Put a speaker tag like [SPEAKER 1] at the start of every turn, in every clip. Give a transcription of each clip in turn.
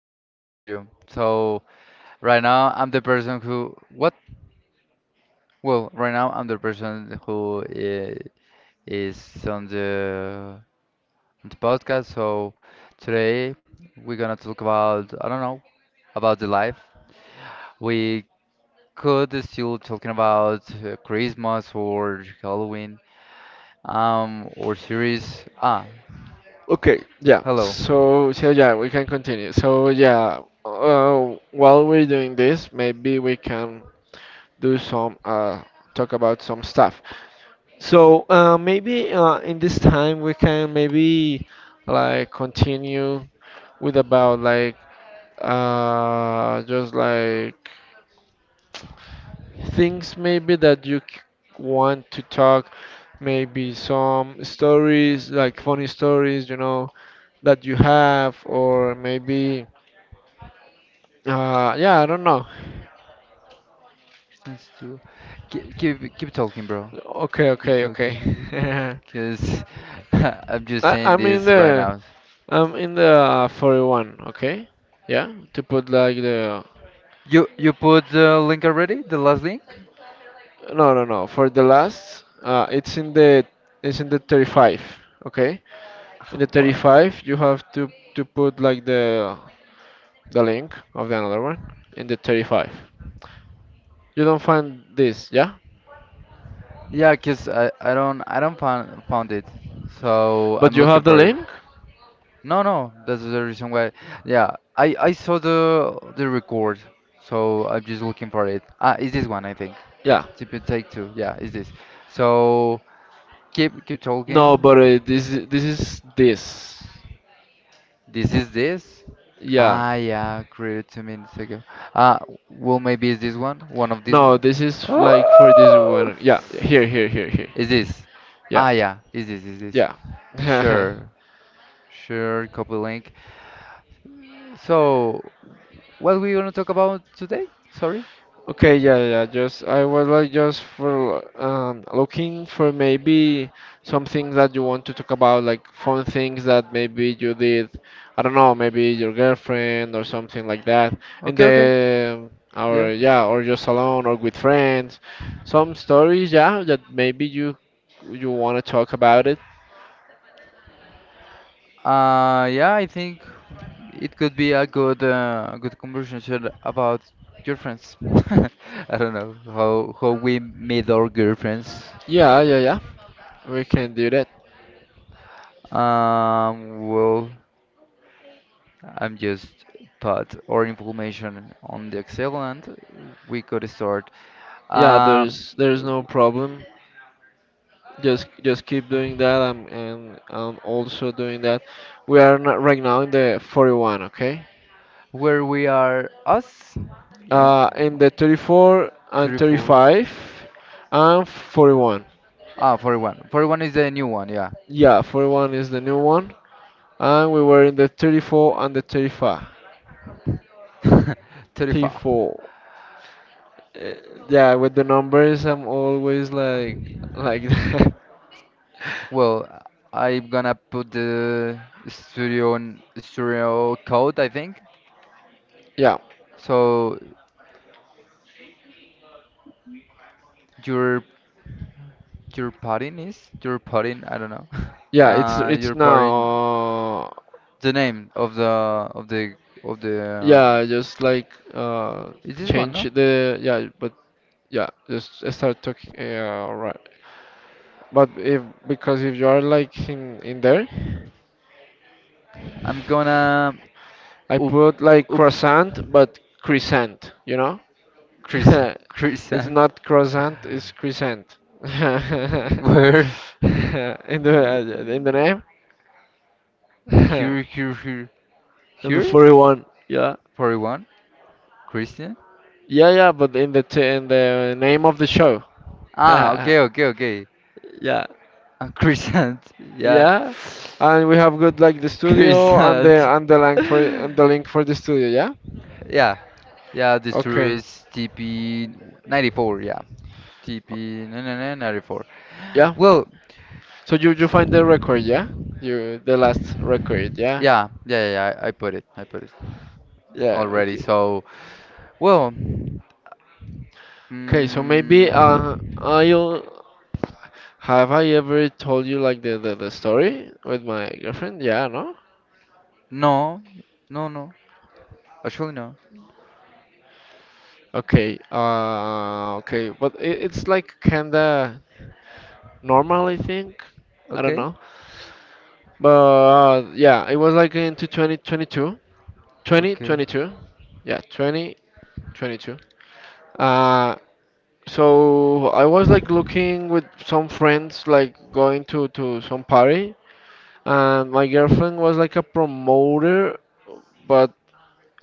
[SPEAKER 1] I don't hear you. So
[SPEAKER 2] lo por es que la
[SPEAKER 1] right now
[SPEAKER 2] empezaste
[SPEAKER 1] I'm the
[SPEAKER 2] y
[SPEAKER 1] person
[SPEAKER 2] se me
[SPEAKER 1] who what?
[SPEAKER 2] putió.
[SPEAKER 1] Well, right now I'm the person who is on the podcast. So today we're gonna talk about, I don't know, about the life. We could still talking about Christmas or Halloween. Or series.
[SPEAKER 2] Okay, yeah.
[SPEAKER 1] Hello.
[SPEAKER 2] So yeah, we can continue. So yeah, while we're doing this, maybe we can do some talk about some stuff. So maybe in this time we can maybe like continue with about like just like things maybe that want to talk, maybe some stories like funny stories, you know, that you have, or maybe yeah, I don't know.
[SPEAKER 1] Since you keep talking, bro.
[SPEAKER 2] Okay,
[SPEAKER 1] Keep
[SPEAKER 2] okay, okay.
[SPEAKER 1] talking. Because I'm just
[SPEAKER 2] I,
[SPEAKER 1] saying
[SPEAKER 2] i'm in
[SPEAKER 1] this right
[SPEAKER 2] the
[SPEAKER 1] now.
[SPEAKER 2] I'm in the 41, okay. Yeah, to put like the.
[SPEAKER 1] You put the link already? The last link?
[SPEAKER 2] No, no, no, for the last it's in the 35. Okay, in the
[SPEAKER 1] What?
[SPEAKER 2] 35 you have to put like the link of the another one in the 35. You don't find this, yeah?
[SPEAKER 1] Yeah, because I don't found it. So
[SPEAKER 2] But
[SPEAKER 1] I'm
[SPEAKER 2] you have
[SPEAKER 1] looking
[SPEAKER 2] the
[SPEAKER 1] for it.
[SPEAKER 2] link?
[SPEAKER 1] No, no, that's the reason why. Yeah, I saw the record. So I'm just looking for it. Is this one, I think.
[SPEAKER 2] Yeah.
[SPEAKER 1] Tip and take two. Yeah, is this. So keep
[SPEAKER 2] No,
[SPEAKER 1] talking.
[SPEAKER 2] but this is this.
[SPEAKER 1] This is this.
[SPEAKER 2] Yeah.
[SPEAKER 1] Yeah, created 2 minutes ago. Uh, well, maybe is this one? One of these
[SPEAKER 2] No,
[SPEAKER 1] one?
[SPEAKER 2] this is like for this
[SPEAKER 1] Oh!
[SPEAKER 2] one. Yeah, here, here, here, here.
[SPEAKER 1] Is this?
[SPEAKER 2] Yeah,
[SPEAKER 1] Yeah, is this,
[SPEAKER 2] yeah.
[SPEAKER 1] Sure, sure, copy link. So, what we gonna talk about today? Sorry?
[SPEAKER 2] Okay, yeah, yeah. Just I was like just for looking for maybe some things that you want to talk about, like fun things that maybe you did. I don't know, maybe your girlfriend or something like that. In
[SPEAKER 1] Okay, okay,
[SPEAKER 2] the
[SPEAKER 1] yeah.
[SPEAKER 2] Or yeah, or just alone or with friends. Some stories, yeah, that maybe you want to talk about it.
[SPEAKER 1] Yeah, I think it could be a good conversation about your friends. I don't know how we made our girlfriends.
[SPEAKER 2] Yeah, yeah, yeah. We can do that.
[SPEAKER 1] Well, I'm just put our information on the Excel, and we could start,
[SPEAKER 2] Yeah,
[SPEAKER 1] um,
[SPEAKER 2] there's no problem. Just keep doing that and am also doing that. We are not right now in the 41, okay.
[SPEAKER 1] where we are us, you know,
[SPEAKER 2] In the 34 and
[SPEAKER 1] three, four.
[SPEAKER 2] 35 and 41.
[SPEAKER 1] 41. 41 is the new one, yeah.
[SPEAKER 2] Yeah, 41 is the new one, and we were in the 34 and the 35.
[SPEAKER 1] 35.
[SPEAKER 2] 34. Uh, yeah, with the numbers I'm always like that.
[SPEAKER 1] Well, I'm gonna put the studio on studio code, I think.
[SPEAKER 2] Yeah,
[SPEAKER 1] So your your padding is your padding, I don't know.
[SPEAKER 2] yeah, it's it's
[SPEAKER 1] Your
[SPEAKER 2] now,
[SPEAKER 1] padding,
[SPEAKER 2] uh,
[SPEAKER 1] the name of of the the
[SPEAKER 2] yeah, just like
[SPEAKER 1] is this one?
[SPEAKER 2] change
[SPEAKER 1] No,
[SPEAKER 2] the, yeah, but yeah, just start talking. Yeah, right. But if Because if you are like in there,
[SPEAKER 1] I'm gonna
[SPEAKER 2] I
[SPEAKER 1] up
[SPEAKER 2] put like
[SPEAKER 1] up
[SPEAKER 2] croissant, but crescent.
[SPEAKER 1] chris
[SPEAKER 2] It's
[SPEAKER 1] chrisant.
[SPEAKER 2] not croissant, it's crescent. in
[SPEAKER 1] Where?
[SPEAKER 2] in the name,
[SPEAKER 1] here here here
[SPEAKER 2] in the
[SPEAKER 1] here
[SPEAKER 2] furry one. Yeah,
[SPEAKER 1] for one christian.
[SPEAKER 2] yeah, yeah. But in the name of the show.
[SPEAKER 1] Okay, okay, okay.
[SPEAKER 2] Yeah,
[SPEAKER 1] Chrisant. Yeah.
[SPEAKER 2] yeah, and we have good like the studio and the
[SPEAKER 1] Chrisant.
[SPEAKER 2] and the link for and the link for the studio, yeah.
[SPEAKER 1] yeah yeah, the story
[SPEAKER 2] Okay.
[SPEAKER 1] is tp 94. Yeah, tp 94.
[SPEAKER 2] Yeah.
[SPEAKER 1] Well,
[SPEAKER 2] So you find the record, yeah? You the last record, yeah?
[SPEAKER 1] yeah, I put it.
[SPEAKER 2] Yeah,
[SPEAKER 1] Already,
[SPEAKER 2] okay.
[SPEAKER 1] so. Well,
[SPEAKER 2] Okay, so maybe
[SPEAKER 1] mm,
[SPEAKER 2] I'll have I ever told you like the story with my girlfriend? Yeah, no?
[SPEAKER 1] no, no, no. Actually, no.
[SPEAKER 2] Okay. Okay, but it's like kinda normal, I think. I don't
[SPEAKER 1] Okay,
[SPEAKER 2] know. But yeah, it was like into 2022.
[SPEAKER 1] okay,
[SPEAKER 2] 2022. Yeah, 2022. Uh So I was like looking with some friends, like going to some party, and my girlfriend was like a promoter, but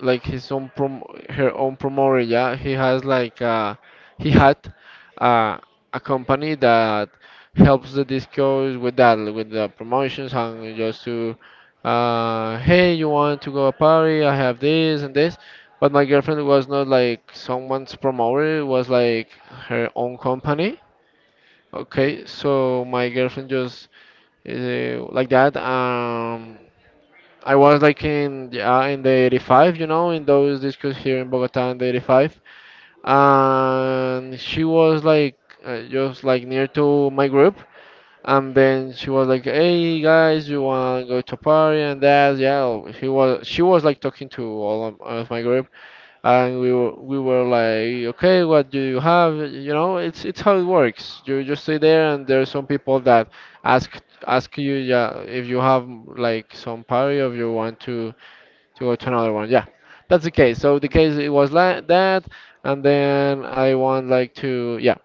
[SPEAKER 2] like his own prom her own promoter. Yeah, he has like he had uh, a company that helps the discos with that, with the promotions, and just to, hey, you want to go a party, I have this and this. But my girlfriend was not like someone's promoter, it was like her own company.
[SPEAKER 1] okay.
[SPEAKER 2] Okay, so my girlfriend just like that. I was like in, yeah, in the 85, you know, in those discos here in Bogota in the 85, and she was like just like near to my group, and then she was like, "Hey guys, you wanna go to a party?" And that, yeah. Oh, she was like talking to all of my group, and we were like, "Okay, what do you have?" You know, it's how it works. You just stay there, and there are some people that ask ask you, yeah, if you have like some party or if you want to go to another one. Yeah, that's the case. So the
[SPEAKER 1] Um,
[SPEAKER 2] case, it was like that, and then I want like to, yeah.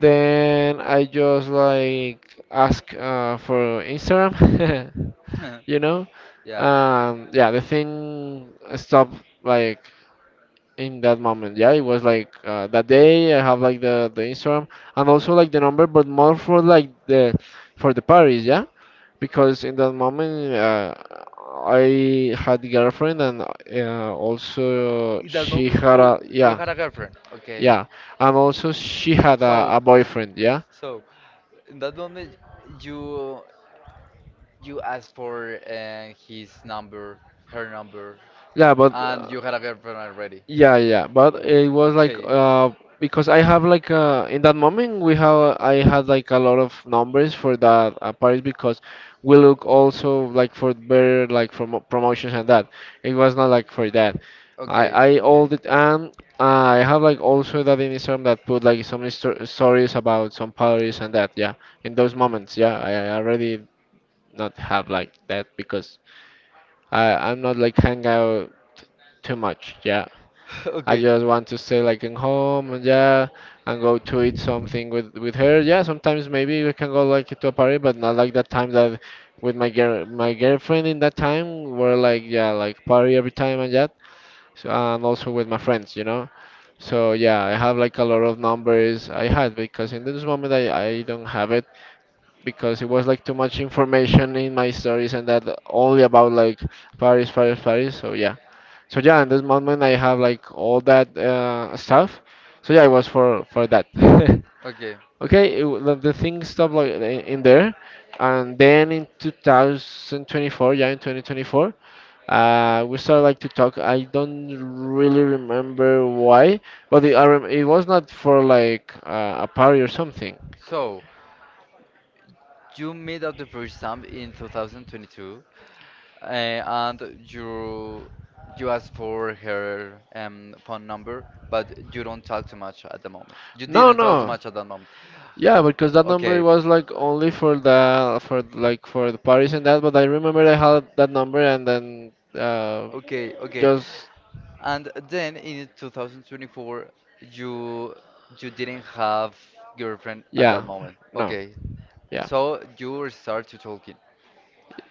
[SPEAKER 2] Then I just like ask for Instagram. You know.
[SPEAKER 1] yeah.
[SPEAKER 2] Yeah, the thing stopped like in that moment. Yeah, it was like that day. I have like the Instagram, and also like the number, but more for like the for the parties. Yeah, because in that moment I had girlfriend, and also
[SPEAKER 1] In that
[SPEAKER 2] she
[SPEAKER 1] moment,
[SPEAKER 2] had
[SPEAKER 1] you
[SPEAKER 2] a,
[SPEAKER 1] you
[SPEAKER 2] yeah.
[SPEAKER 1] had a girlfriend. Okay.
[SPEAKER 2] Yeah, and also she had a,
[SPEAKER 1] So,
[SPEAKER 2] a boyfriend. Yeah.
[SPEAKER 1] so in that moment, you you asked for his number, her number,
[SPEAKER 2] Yeah, but
[SPEAKER 1] and you had a girlfriend already.
[SPEAKER 2] yeah, yeah, but it was like
[SPEAKER 1] Okay.
[SPEAKER 2] because I have like in that moment we have I had like a lot of numbers for that Paris, because we look also like for better, like for promotions and that. It was not like for that.
[SPEAKER 1] Okay.
[SPEAKER 2] I all
[SPEAKER 1] Okay.
[SPEAKER 2] the and I have like also that in Instagram, that put like some stories about some Paris and that. Yeah, in those moments,
[SPEAKER 1] Okay.
[SPEAKER 2] yeah, I already not have like that, because. I'm not like hang out too much. Yeah, I
[SPEAKER 1] Okay.
[SPEAKER 2] just want to stay like in home, and yeah, and go to eat something with her. Yeah, sometimes maybe we can go like to a party, but not like that time that with my girlfriend, in that time we're like, yeah, like party every time and that. So, and also with my friends. So yeah, I have like a lot of numbers I had, because in this moment I don't have it, because it was like too much information in my stories and that, only about like Paris, Paris, Paris. So yeah, in this moment I have like all that stuff. So yeah, it was for that.
[SPEAKER 1] Okay. Okay.
[SPEAKER 2] Okay, the thing stopped like in there, and then in 2024, yeah, in 2024, we started like to talk. I don't really remember why, but it was not for like a party or something.
[SPEAKER 1] So. You made up the first time in 2022, and you you asked for her phone number, but you don't talk too much at the moment. You didn't talk too much at that moment.
[SPEAKER 2] Yeah, because that. Okay. Number
[SPEAKER 1] Okay,
[SPEAKER 2] was like only for the parties and that. But I remember I had that number, and then
[SPEAKER 1] okay, okay.
[SPEAKER 2] just,
[SPEAKER 1] And then in 2024, you you didn't have girlfriend at
[SPEAKER 2] yeah,
[SPEAKER 1] that
[SPEAKER 2] anymore.
[SPEAKER 1] moment.
[SPEAKER 2] No,
[SPEAKER 1] Okay, so you start to talking.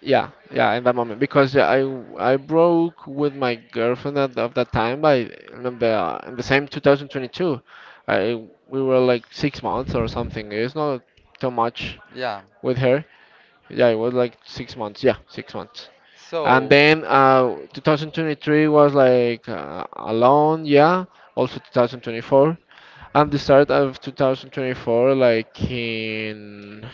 [SPEAKER 2] yeah, yeah, in that moment, because yeah, I broke with my girlfriend at of that time by in the same 2022. I We were like 6 months or something. It's not too much
[SPEAKER 1] Yeah.
[SPEAKER 2] with her. Yeah, it was like 6 months. Yeah, 6 months. And
[SPEAKER 1] So
[SPEAKER 2] then 2023 was like alone. Yeah, also 2024. And the start of 2024, like in,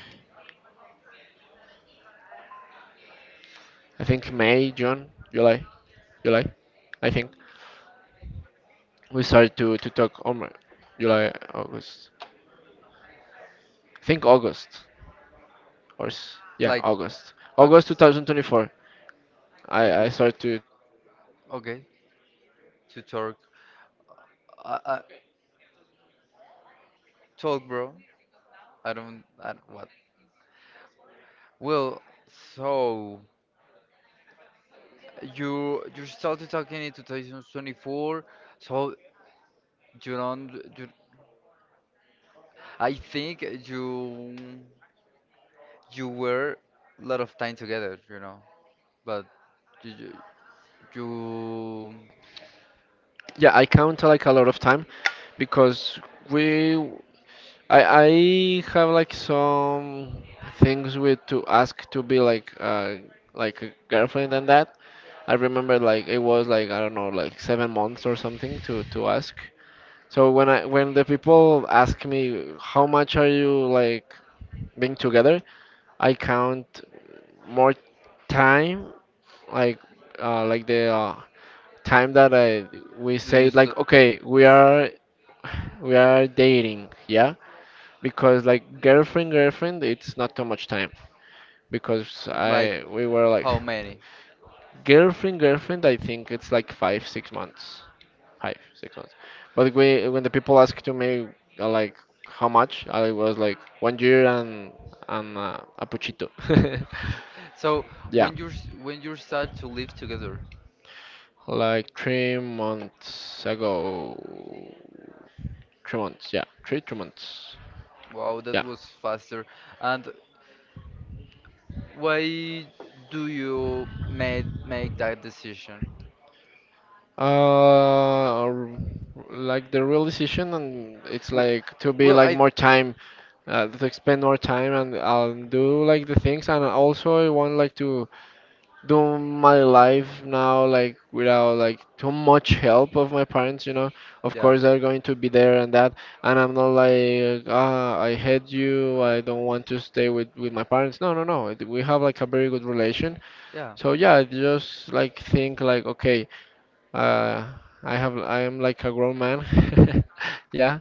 [SPEAKER 2] I think, May, June, July, July, I think, we started to talk on July, August. I think August, yeah,
[SPEAKER 1] like
[SPEAKER 2] August. August
[SPEAKER 1] August,
[SPEAKER 2] 2024. I
[SPEAKER 1] August.
[SPEAKER 2] started
[SPEAKER 1] Okay,
[SPEAKER 2] to talk, or
[SPEAKER 1] to talk.
[SPEAKER 2] July.
[SPEAKER 1] I, I,
[SPEAKER 2] Okay, 2024.
[SPEAKER 1] Talk,
[SPEAKER 2] Yeah.
[SPEAKER 1] bro.
[SPEAKER 2] Ah,
[SPEAKER 1] I don't what.
[SPEAKER 2] so
[SPEAKER 1] Well, so
[SPEAKER 2] yeah, just keep,
[SPEAKER 1] you
[SPEAKER 2] and
[SPEAKER 1] you started talking in 2024, so you don't you, I think you were a lot of time together, you know. But you you, you
[SPEAKER 2] yeah, I count like a lot of time, because we I have like some things with to ask to be like a girlfriend and that. I remember, like, it was like, I don't know, like 7 months or something to ask. So when the people ask me how much are you like being together, I count more time, like like the, time that I we
[SPEAKER 1] do you
[SPEAKER 2] say,
[SPEAKER 1] st
[SPEAKER 2] like, okay, we are dating, yeah, because like girlfriend girlfriend, it's not too much time, because
[SPEAKER 1] like,
[SPEAKER 2] I we were like
[SPEAKER 1] how many?
[SPEAKER 2] girlfriend girlfriend, I think it's like 5, 6 months, five six months but we, when the people asked to me, like how much, I was like one year and a puchito.
[SPEAKER 1] So
[SPEAKER 2] Yeah,
[SPEAKER 1] when when you start to live together,
[SPEAKER 2] like 3 months ago. 3 months, yeah. Three, two months,
[SPEAKER 1] wow,
[SPEAKER 2] yeah.
[SPEAKER 1] that was faster. And why do you made make that decision?
[SPEAKER 2] Uh, r- like the real decision, and it's
[SPEAKER 1] W-
[SPEAKER 2] like to be
[SPEAKER 1] Well,
[SPEAKER 2] like
[SPEAKER 1] I
[SPEAKER 2] more time, to spend more time and I'll do like the things, and also I want like to do my life now, like, without like too much help of my parents. You know, of
[SPEAKER 1] yeah,
[SPEAKER 2] course they're going to be there and that, and I'm not like, ah, I hate you, I don't want to stay with my parents. No, no, no. We have like a very good relation.
[SPEAKER 1] yeah,
[SPEAKER 2] So yeah, I just like think, like, okay. Uh, I am like a grown man. Yeah,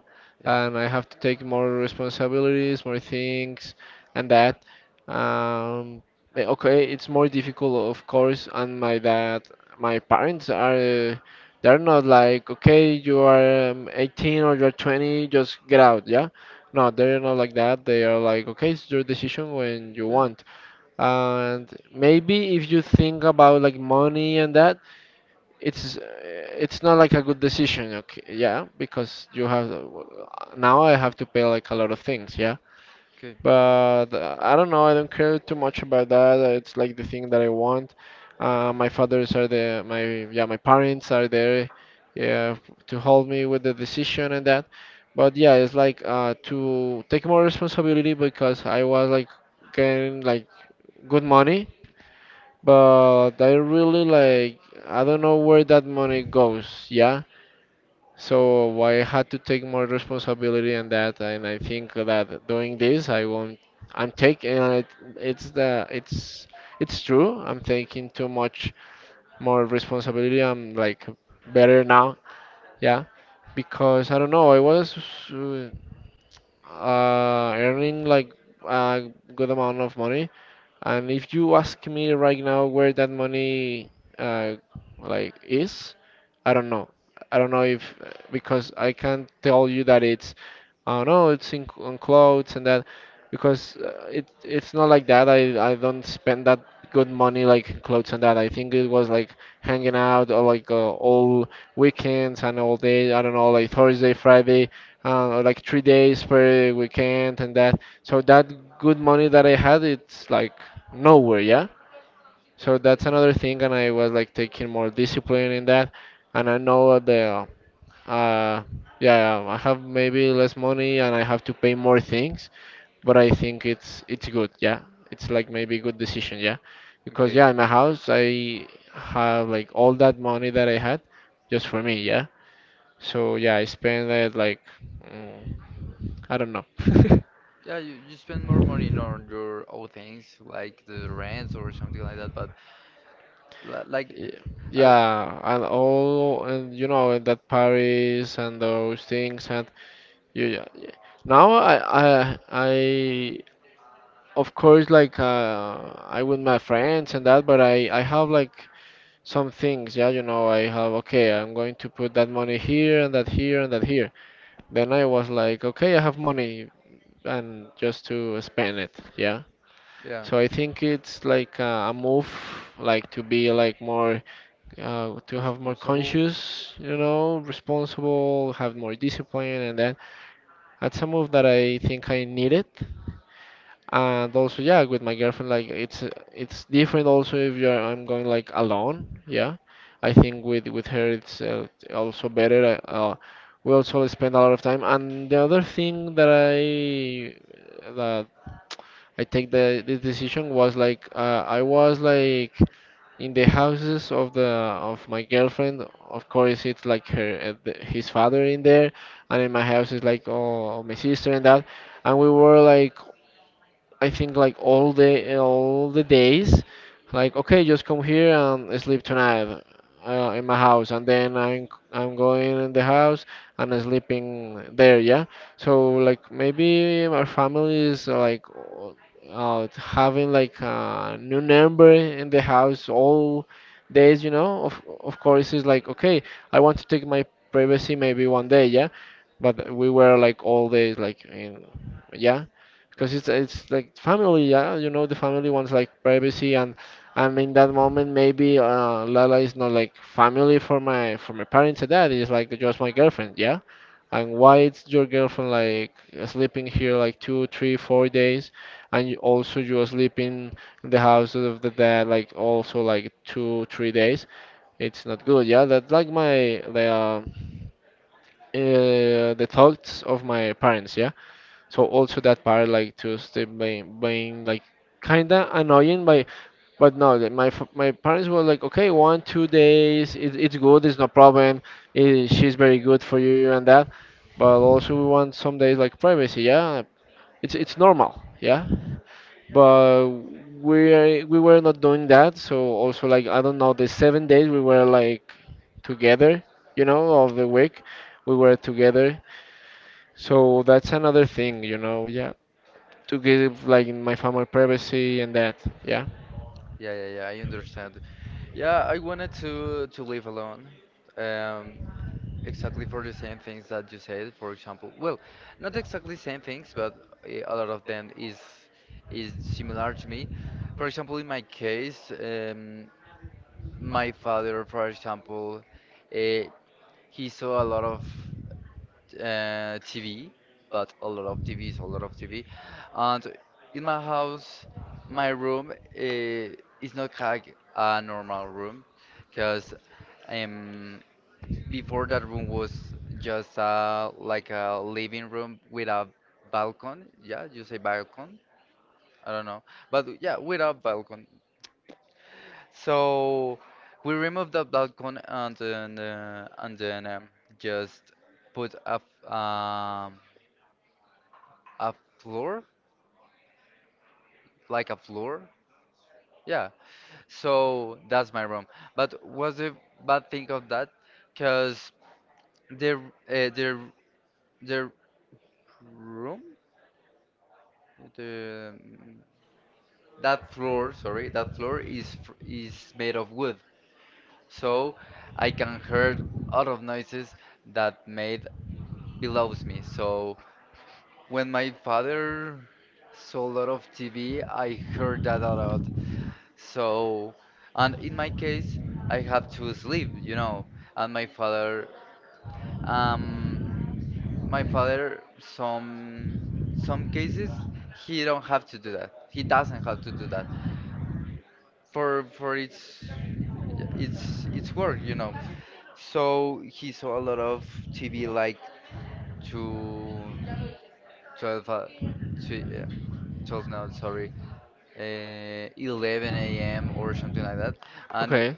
[SPEAKER 1] yeah,
[SPEAKER 2] and I have to take more responsibilities, more things, and that. Um, okay, it's more difficult, of course. And my parents are, uh, they're not like, okay, you are, 18 or you're 20, just get out. Yeah, no, they're not like that. They are like, okay, it's your decision when you
[SPEAKER 1] yeah.
[SPEAKER 2] want. And maybe if you think about like money and that, it's uh, it's not like a good decision. Okay, yeah, because you have now I have to pay like a lot of things, yeah.
[SPEAKER 1] Okay,
[SPEAKER 2] But I don't know, I don't care too much about that. It's like the thing that I want. My fathers are there, my, yeah, my parents are there, yeah, to help me with the decision and that. But yeah, it's like to take more responsibility, because I was like getting like good money, but I really like, I don't know where that money goes, yeah. So I had to take more responsibility in that, and I think that doing this, I won't. I'm taking it, it's the it's true. I'm taking too much more responsibility. I'm like better now, yeah, because I don't know. I was earning like a good amount of money, and if you ask me right now where that money uh, like is, I don't know. I don't know if, because I can't tell you that it's, oh no, it's on clothes and that, because it's not like that. I don't spend that good money like in clothes and that. I think it was like hanging out, or like all weekends and all day. I don't know, like Thursday, Friday, or like 3 days per weekend and that. So that good money that I had, it's like nowhere, yeah? So that's another thing, and I was like taking more discipline in that. And I know uh, yeah, I have maybe less money and I have to pay more things, but I think it's good, yeah. It's like maybe good decision, yeah. Because yeah,
[SPEAKER 1] okay.
[SPEAKER 2] in my house I have like all that money that I had just for me, yeah. So yeah, I spend it like, mm, I don't know.
[SPEAKER 1] Yeah, you spend more money on your own things, like the rents or something like that. But like,
[SPEAKER 2] Y-
[SPEAKER 1] uh,
[SPEAKER 2] Yeah, and all, and and that Paris and those things, and you, yeah, yeah. Now I, of course, like I with my friends and that, but I have like some things, yeah, I have, okay, I'm going to put that money here and that here and that here. Then I was like, okay, I have money and just to spend it, yeah.
[SPEAKER 1] yeah,
[SPEAKER 2] So I think it's like a move, like to be like more to have more
[SPEAKER 1] responsible.
[SPEAKER 2] conscious, responsible, have more discipline, and then that's a move that I think I needed. And also, yeah, with my girlfriend, like it's different. Also, if you're I'm going like alone, yeah, I think with her it's also better. We also spend a lot of time. And the other thing that I take the this decision was like I was like in the houses of my girlfriend, of course, it's like his father in there, and in my house it's like, oh, my sister and that, and we were like, I think, like all the days, like, okay, just come here and sleep tonight in my house, and then I'm going in the house and sleeping there, yeah. So like maybe our family is like having like a new number in the house all days. Of course, it's like, okay, I want to take my privacy maybe one day, yeah. But we were like all days like in, yeah,
[SPEAKER 1] Yeah,
[SPEAKER 2] because it's like family, yeah. You know, the family wants like privacy, and in that moment maybe Lala is not like family for my parents and that is like just my girlfriend, yeah. And why it's your girlfriend like sleeping here like two, three, 4 days, and you also you're sleeping in the house of the dad like also like two, 3 days. It's not good, yeah. That's like my the. The thoughts of my parents, yeah. So also that part like to stay being like kinda annoying, but no, like, my parents were like, okay, 1, 2 days, it's good, it's no problem, she's very good for you and that, but also we want some days like privacy, yeah, it's normal, yeah, but we were not doing that, so also like, I don't know, the 7 days we were like together, of the week, we were together, so that's another thing, yeah, to give like my family privacy and that. Yeah.
[SPEAKER 1] yeah, yeah, yeah. I understand. Yeah, I wanted to live alone. Um, Exactly for the same things that you said, for example. Well, not exactly same things, but a lot of them is similar to me. For example, in my case, my father, for example, uh, he saw a lot of TV, but a lot of TVs, a lot of TV. And in my house, my room, is not like a normal room, because before, that room was just like a living room with a balcony. Yeah, you say balcony? I
[SPEAKER 2] Yeah,
[SPEAKER 1] don't know.
[SPEAKER 2] with.
[SPEAKER 1] But yeah, with a balcony. So we removed the balcony, and then just put a floor, like a floor. Yeah, so that's my room. But was the bad thing of that? Because the, r- uh, the, the room, the that floor is made of wood, so I can hear a lot of noises that made below me. So when my father saw a lot of TV, I heard that a lot. So, and in my case, I have to sleep, you know, and my father, um, some cases he don't have to do that. He doesn't have to do that, for its, yeah, its work, you know. So he saw a lot of TV like to 12, to, yeah, 12 now, sorry, 11 a.m. or something like that, and
[SPEAKER 2] Okay.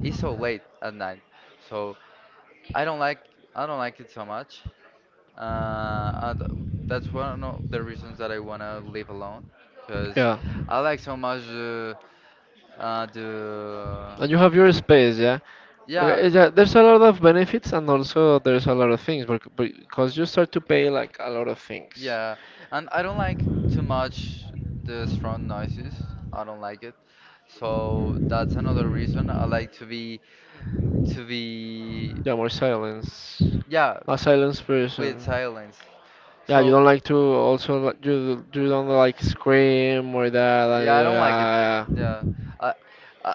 [SPEAKER 1] it's so late at night. So I don't like I don't like it so much. And that's one of the reasons that I wanna live alone, because
[SPEAKER 2] Yeah.
[SPEAKER 1] I like so much, the.
[SPEAKER 2] And you have your space, yeah?
[SPEAKER 1] Yeah.
[SPEAKER 2] Okay, yeah, there's a lot of benefits, and also there's a lot of things because you start to pay like a lot of things.
[SPEAKER 1] Yeah, and I don't like too much the strong noises. I don't like it. So that's another reason I like to be, to be
[SPEAKER 2] Yeah, more silence.
[SPEAKER 1] yeah,
[SPEAKER 2] A silence
[SPEAKER 1] with
[SPEAKER 2] person.
[SPEAKER 1] silence.
[SPEAKER 2] Yeah, you
[SPEAKER 1] So
[SPEAKER 2] don't like to also, you don't like scream or that.
[SPEAKER 1] yeah, I don't like it. Yeah. I I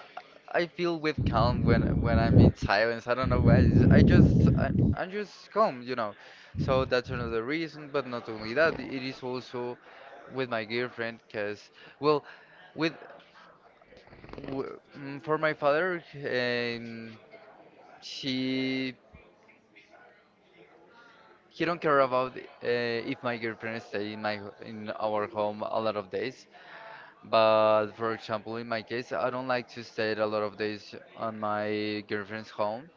[SPEAKER 1] I feel with calm when I'm in silence. I don't know why. I'm just calm, you know. So that's another reason, but not only that, it is also with my girlfriend because, well, with For my father, she he don't care about if my girlfriend stay in our home a lot of days. But for example, in my case, I don't like to stay a lot of days on my girlfriend's home,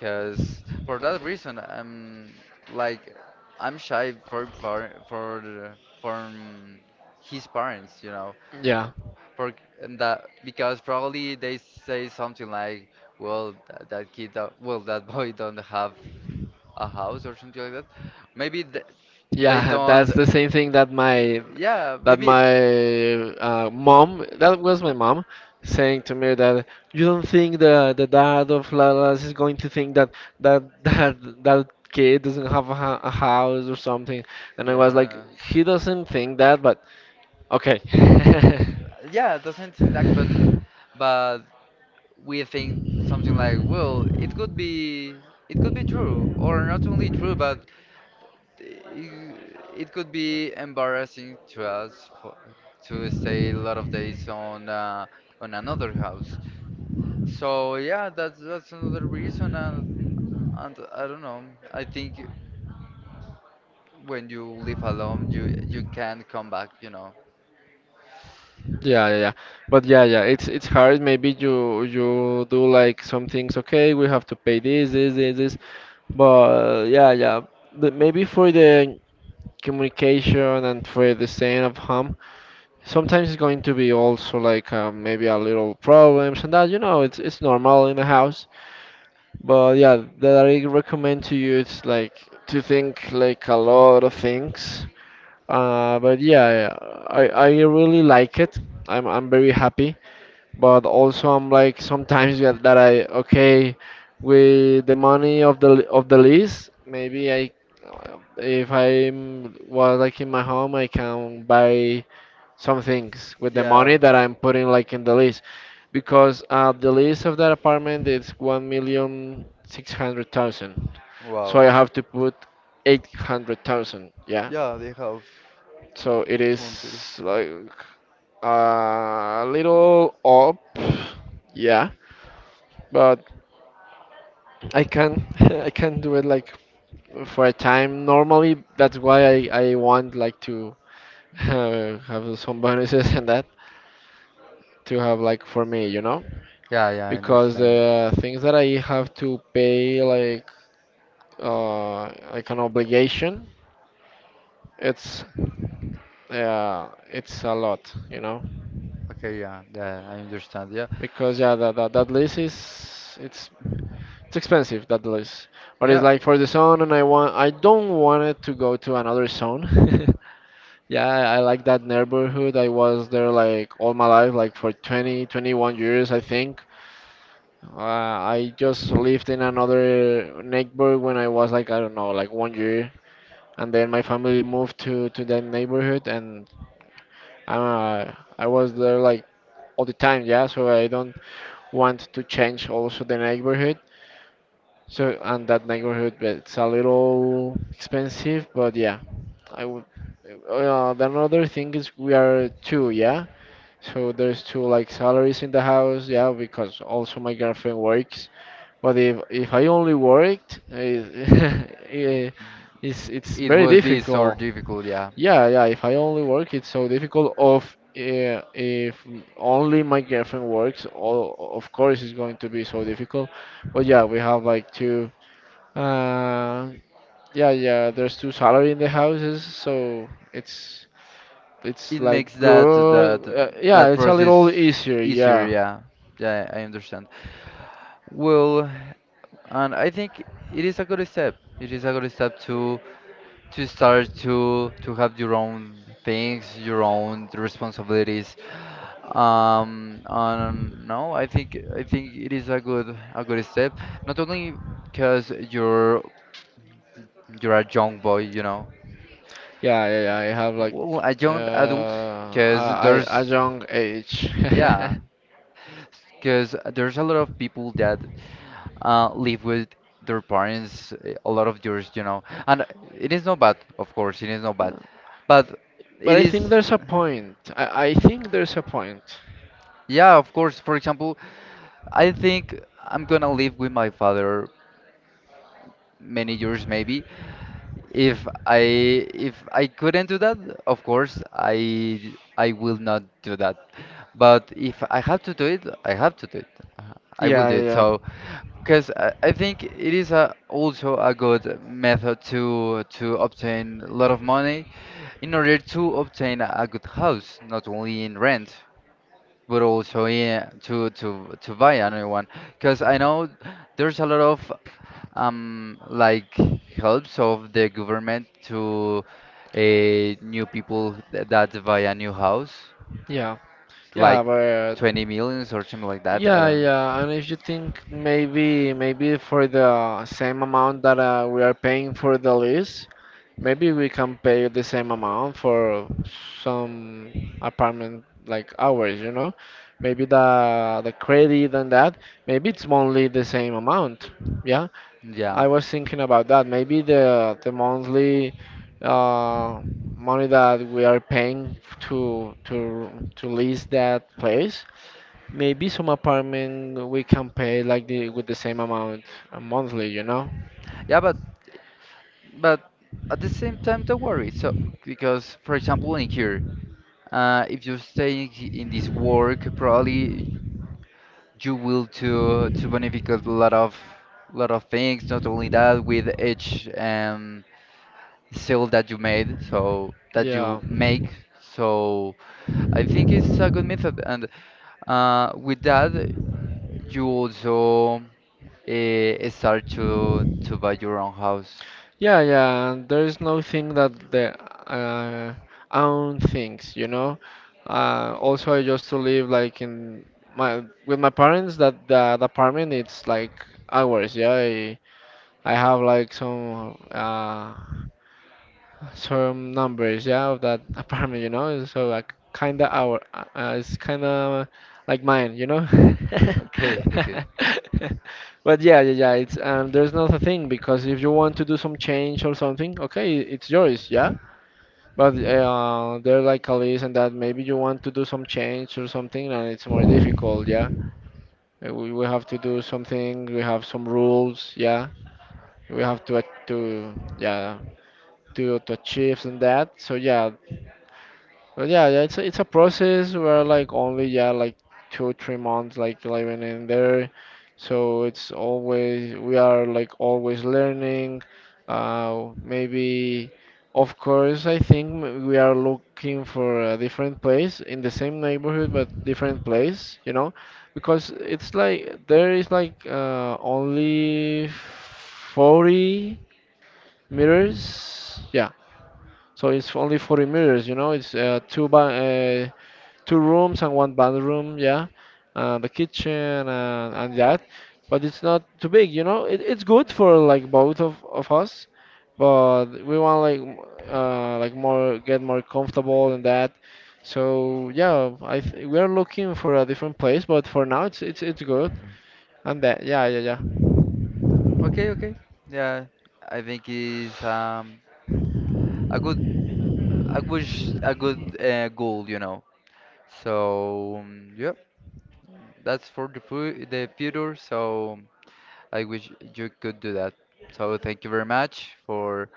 [SPEAKER 1] cause for that reason, like I'm shy for from his parents, you know.
[SPEAKER 2] Yeah.
[SPEAKER 1] For And that because probably they say something like, "Well, that kid, don't, well, that boy don't have a house or something like that." Maybe th they
[SPEAKER 2] Yeah,
[SPEAKER 1] don't.
[SPEAKER 2] that's the same thing that my
[SPEAKER 1] Yeah,
[SPEAKER 2] that
[SPEAKER 1] maybe.
[SPEAKER 2] my mom, that was my mom saying to me that, you don't think the dad of Lalas is going to think that, that that that kid doesn't have a house or something, and I was like,
[SPEAKER 1] Yeah,
[SPEAKER 2] he doesn't think that, but okay.
[SPEAKER 1] yeah. It doesn't seem like, but but we think something like, "Well, it could be." It could be true, or not only true, but it, it could be embarrassing to us, to stay a lot of days on another house. So yeah, that's another reason, and I don't know. I think when you live alone, you can't come back. You know.
[SPEAKER 2] Yeah, yeah, yeah. But yeah, yeah, it's hard. Maybe you do like some things. Okay, we have to pay this, this, this, this. But yeah, yeah. But maybe for the communication and for the staying of home, sometimes it's going to be also like maybe a little problems, and that it's normal in a house, but yeah, that I recommend to you, it's like to think like a lot of things, but yeah, I really like it. I'm very happy, but also I'm like sometimes that that I, okay, with the money of of the lease, maybe I if I'm was like in my home, I can buy some things with the
[SPEAKER 1] Yeah.
[SPEAKER 2] money that I'm putting like in the lease, because the lease of that apartment is 1,600,000, so
[SPEAKER 1] Wow.
[SPEAKER 2] I have to put 800,000, yeah.
[SPEAKER 1] Yeah, they have
[SPEAKER 2] So it
[SPEAKER 1] commentary.
[SPEAKER 2] is like a little up, yeah, but I can I can do it like for a time. Normally, that's why I want like to have some bonuses and that, to have like for me,
[SPEAKER 1] Yeah, yeah, I
[SPEAKER 2] because
[SPEAKER 1] understand.
[SPEAKER 2] the things that I have to pay like, uh like an obligation, it's, yeah, it's a lot,
[SPEAKER 1] Okay, yeah, yeah, I understand. Yeah,
[SPEAKER 2] because yeah, that that lease is, it's expensive, that lease. But it's
[SPEAKER 1] yeah,
[SPEAKER 2] like for the zone, and I don't want it to go to another zone. Yeah, I like that neighborhood. I was there like all my life, like for 20, 21 years, I think. I just lived in another neighborhood when I was like, I don't know, like one year. And then my family moved to that neighborhood, and uh, I was there like all the time, yeah. So I don't want to change also the neighborhood. So, and that neighborhood, but it's a little expensive, but yeah, I would. The another thing is, we are two, yeah. So there's two like salaries in the house, yeah, because also my girlfriend works. But if I only worked, it's
[SPEAKER 1] it
[SPEAKER 2] very
[SPEAKER 1] would be so
[SPEAKER 2] difficult.
[SPEAKER 1] difficult. Yeah,
[SPEAKER 2] Yeah, yeah. If I only work, it's so difficult. Of If only my girlfriend works, all, of course it's going to be so difficult. But yeah, we have like two. Uh, yeah, yeah. There's two salary in the houses, so it's it's
[SPEAKER 1] it makes
[SPEAKER 2] like
[SPEAKER 1] that that
[SPEAKER 2] good. Yeah,
[SPEAKER 1] that
[SPEAKER 2] it's a little
[SPEAKER 1] process
[SPEAKER 2] easier.
[SPEAKER 1] easier.
[SPEAKER 2] Yeah.
[SPEAKER 1] Yeah, yeah, I understand. Well, and I think it is a good step. It is a good step to start to have your own things, your own responsibilities. And no, I think it is a good step. Not only because you're a young boy, you know,
[SPEAKER 2] Yeah, yeah, yeah. I have like
[SPEAKER 1] well, a young adult, because
[SPEAKER 2] a
[SPEAKER 1] there's
[SPEAKER 2] young age.
[SPEAKER 1] yeah, because there's a lot of people that live with their parents, a lot of years, you know. And it is not bad, of course, it is not bad. But
[SPEAKER 2] But
[SPEAKER 1] it
[SPEAKER 2] I think
[SPEAKER 1] is,
[SPEAKER 2] there's a point. I think there's a point.
[SPEAKER 1] yeah, of course. For example, I think I'm gonna live with my father many years maybe. If I if I couldn't do that, of course I will not do that. But if I have to do it, I have to do it. Uh, I will do it.
[SPEAKER 2] Yeah.
[SPEAKER 1] So, because I think it is also a good method to obtain a lot of money in order to obtain a good house, not only in rent but also, yeah, to to buy another one, because I know there's a lot of like helps of the government to new people that buy a new house.
[SPEAKER 2] Yeah.
[SPEAKER 1] It's
[SPEAKER 2] Yeah,
[SPEAKER 1] like
[SPEAKER 2] but
[SPEAKER 1] 20 millions or something like that, I
[SPEAKER 2] yeah,
[SPEAKER 1] don't.
[SPEAKER 2] yeah. And if you think, maybe for the same amount that we are paying for the lease, maybe we can pay the same amount for some apartment like ours, you know? Maybe the credit and that, maybe it's only the same amount. Yeah.
[SPEAKER 1] yeah
[SPEAKER 2] I was thinking about that. Maybe the monthly uh, money that we are paying to to to lease that place. Maybe some apartment we can pay like the with the same amount monthly, you know?
[SPEAKER 1] yeah but but at the same time don't worry. So, because for example in here, if you stay in this work, probably you will to benefit a lot of things. Not only that, with each sale that you made, so that you make. So I think it's a good method, and, with that, you also start to buy your own house.
[SPEAKER 2] Yeah, yeah, and there is no thing that the uh, own things. Also, I used to live like in my with my parents. That the apartment, it's like hours. Yeah, I have like some numbers, yeah, of that apartment. So like kinda our, it's kinda like mine, you know.
[SPEAKER 1] Okay, okay,
[SPEAKER 2] But yeah, yeah, yeah. It's There's not a thing, because if you want to do some change or something, okay, it's yours, yeah. But they're like a list and that, maybe you want to do some change or something, and it's more difficult, yeah. We have to do something, we have some rules, yeah. We have to, to, yeah, to achieve and that. So yeah, but yeah, yeah, it's a process where like only, yeah, like 2 or 3 months like living in there, so it's always, we are like always learning. Maybe, of course, I think, we are looking for a different place in the same neighborhood but different place, because it's like there is like only 40 meters, yeah. So it's only 40 meters, it's two by two rooms and one bathroom, yeah, the kitchen and that. But it's not too big, you know. It's good for like both of us, but we want like like more, get more comfortable and that. So yeah, I th we are looking for a different place, but for now it's good. And that, yeah, yeah,
[SPEAKER 1] okay, okay. Yeah, I think it's a good, I wish a good goal, you know.
[SPEAKER 2] yeah, yeah.
[SPEAKER 1] So yeah. That's for the future. So I wish you could do that. So thank you very much for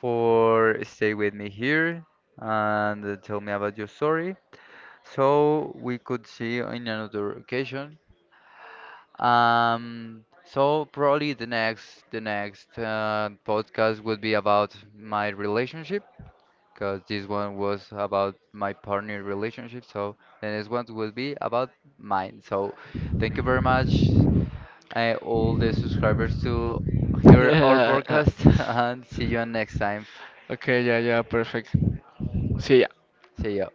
[SPEAKER 1] stay with me here and, tell me about your story. So we could see in another occasion. So probably the next podcast would be about my relationship, because this one was about my partner relationship. So the next one will be about mine. So thank you very much, all the subscribers to hear our
[SPEAKER 2] Yeah.
[SPEAKER 1] podcast and see you on next time.
[SPEAKER 2] Okay, yeah, yeah, perfect. See ya.
[SPEAKER 1] See ya.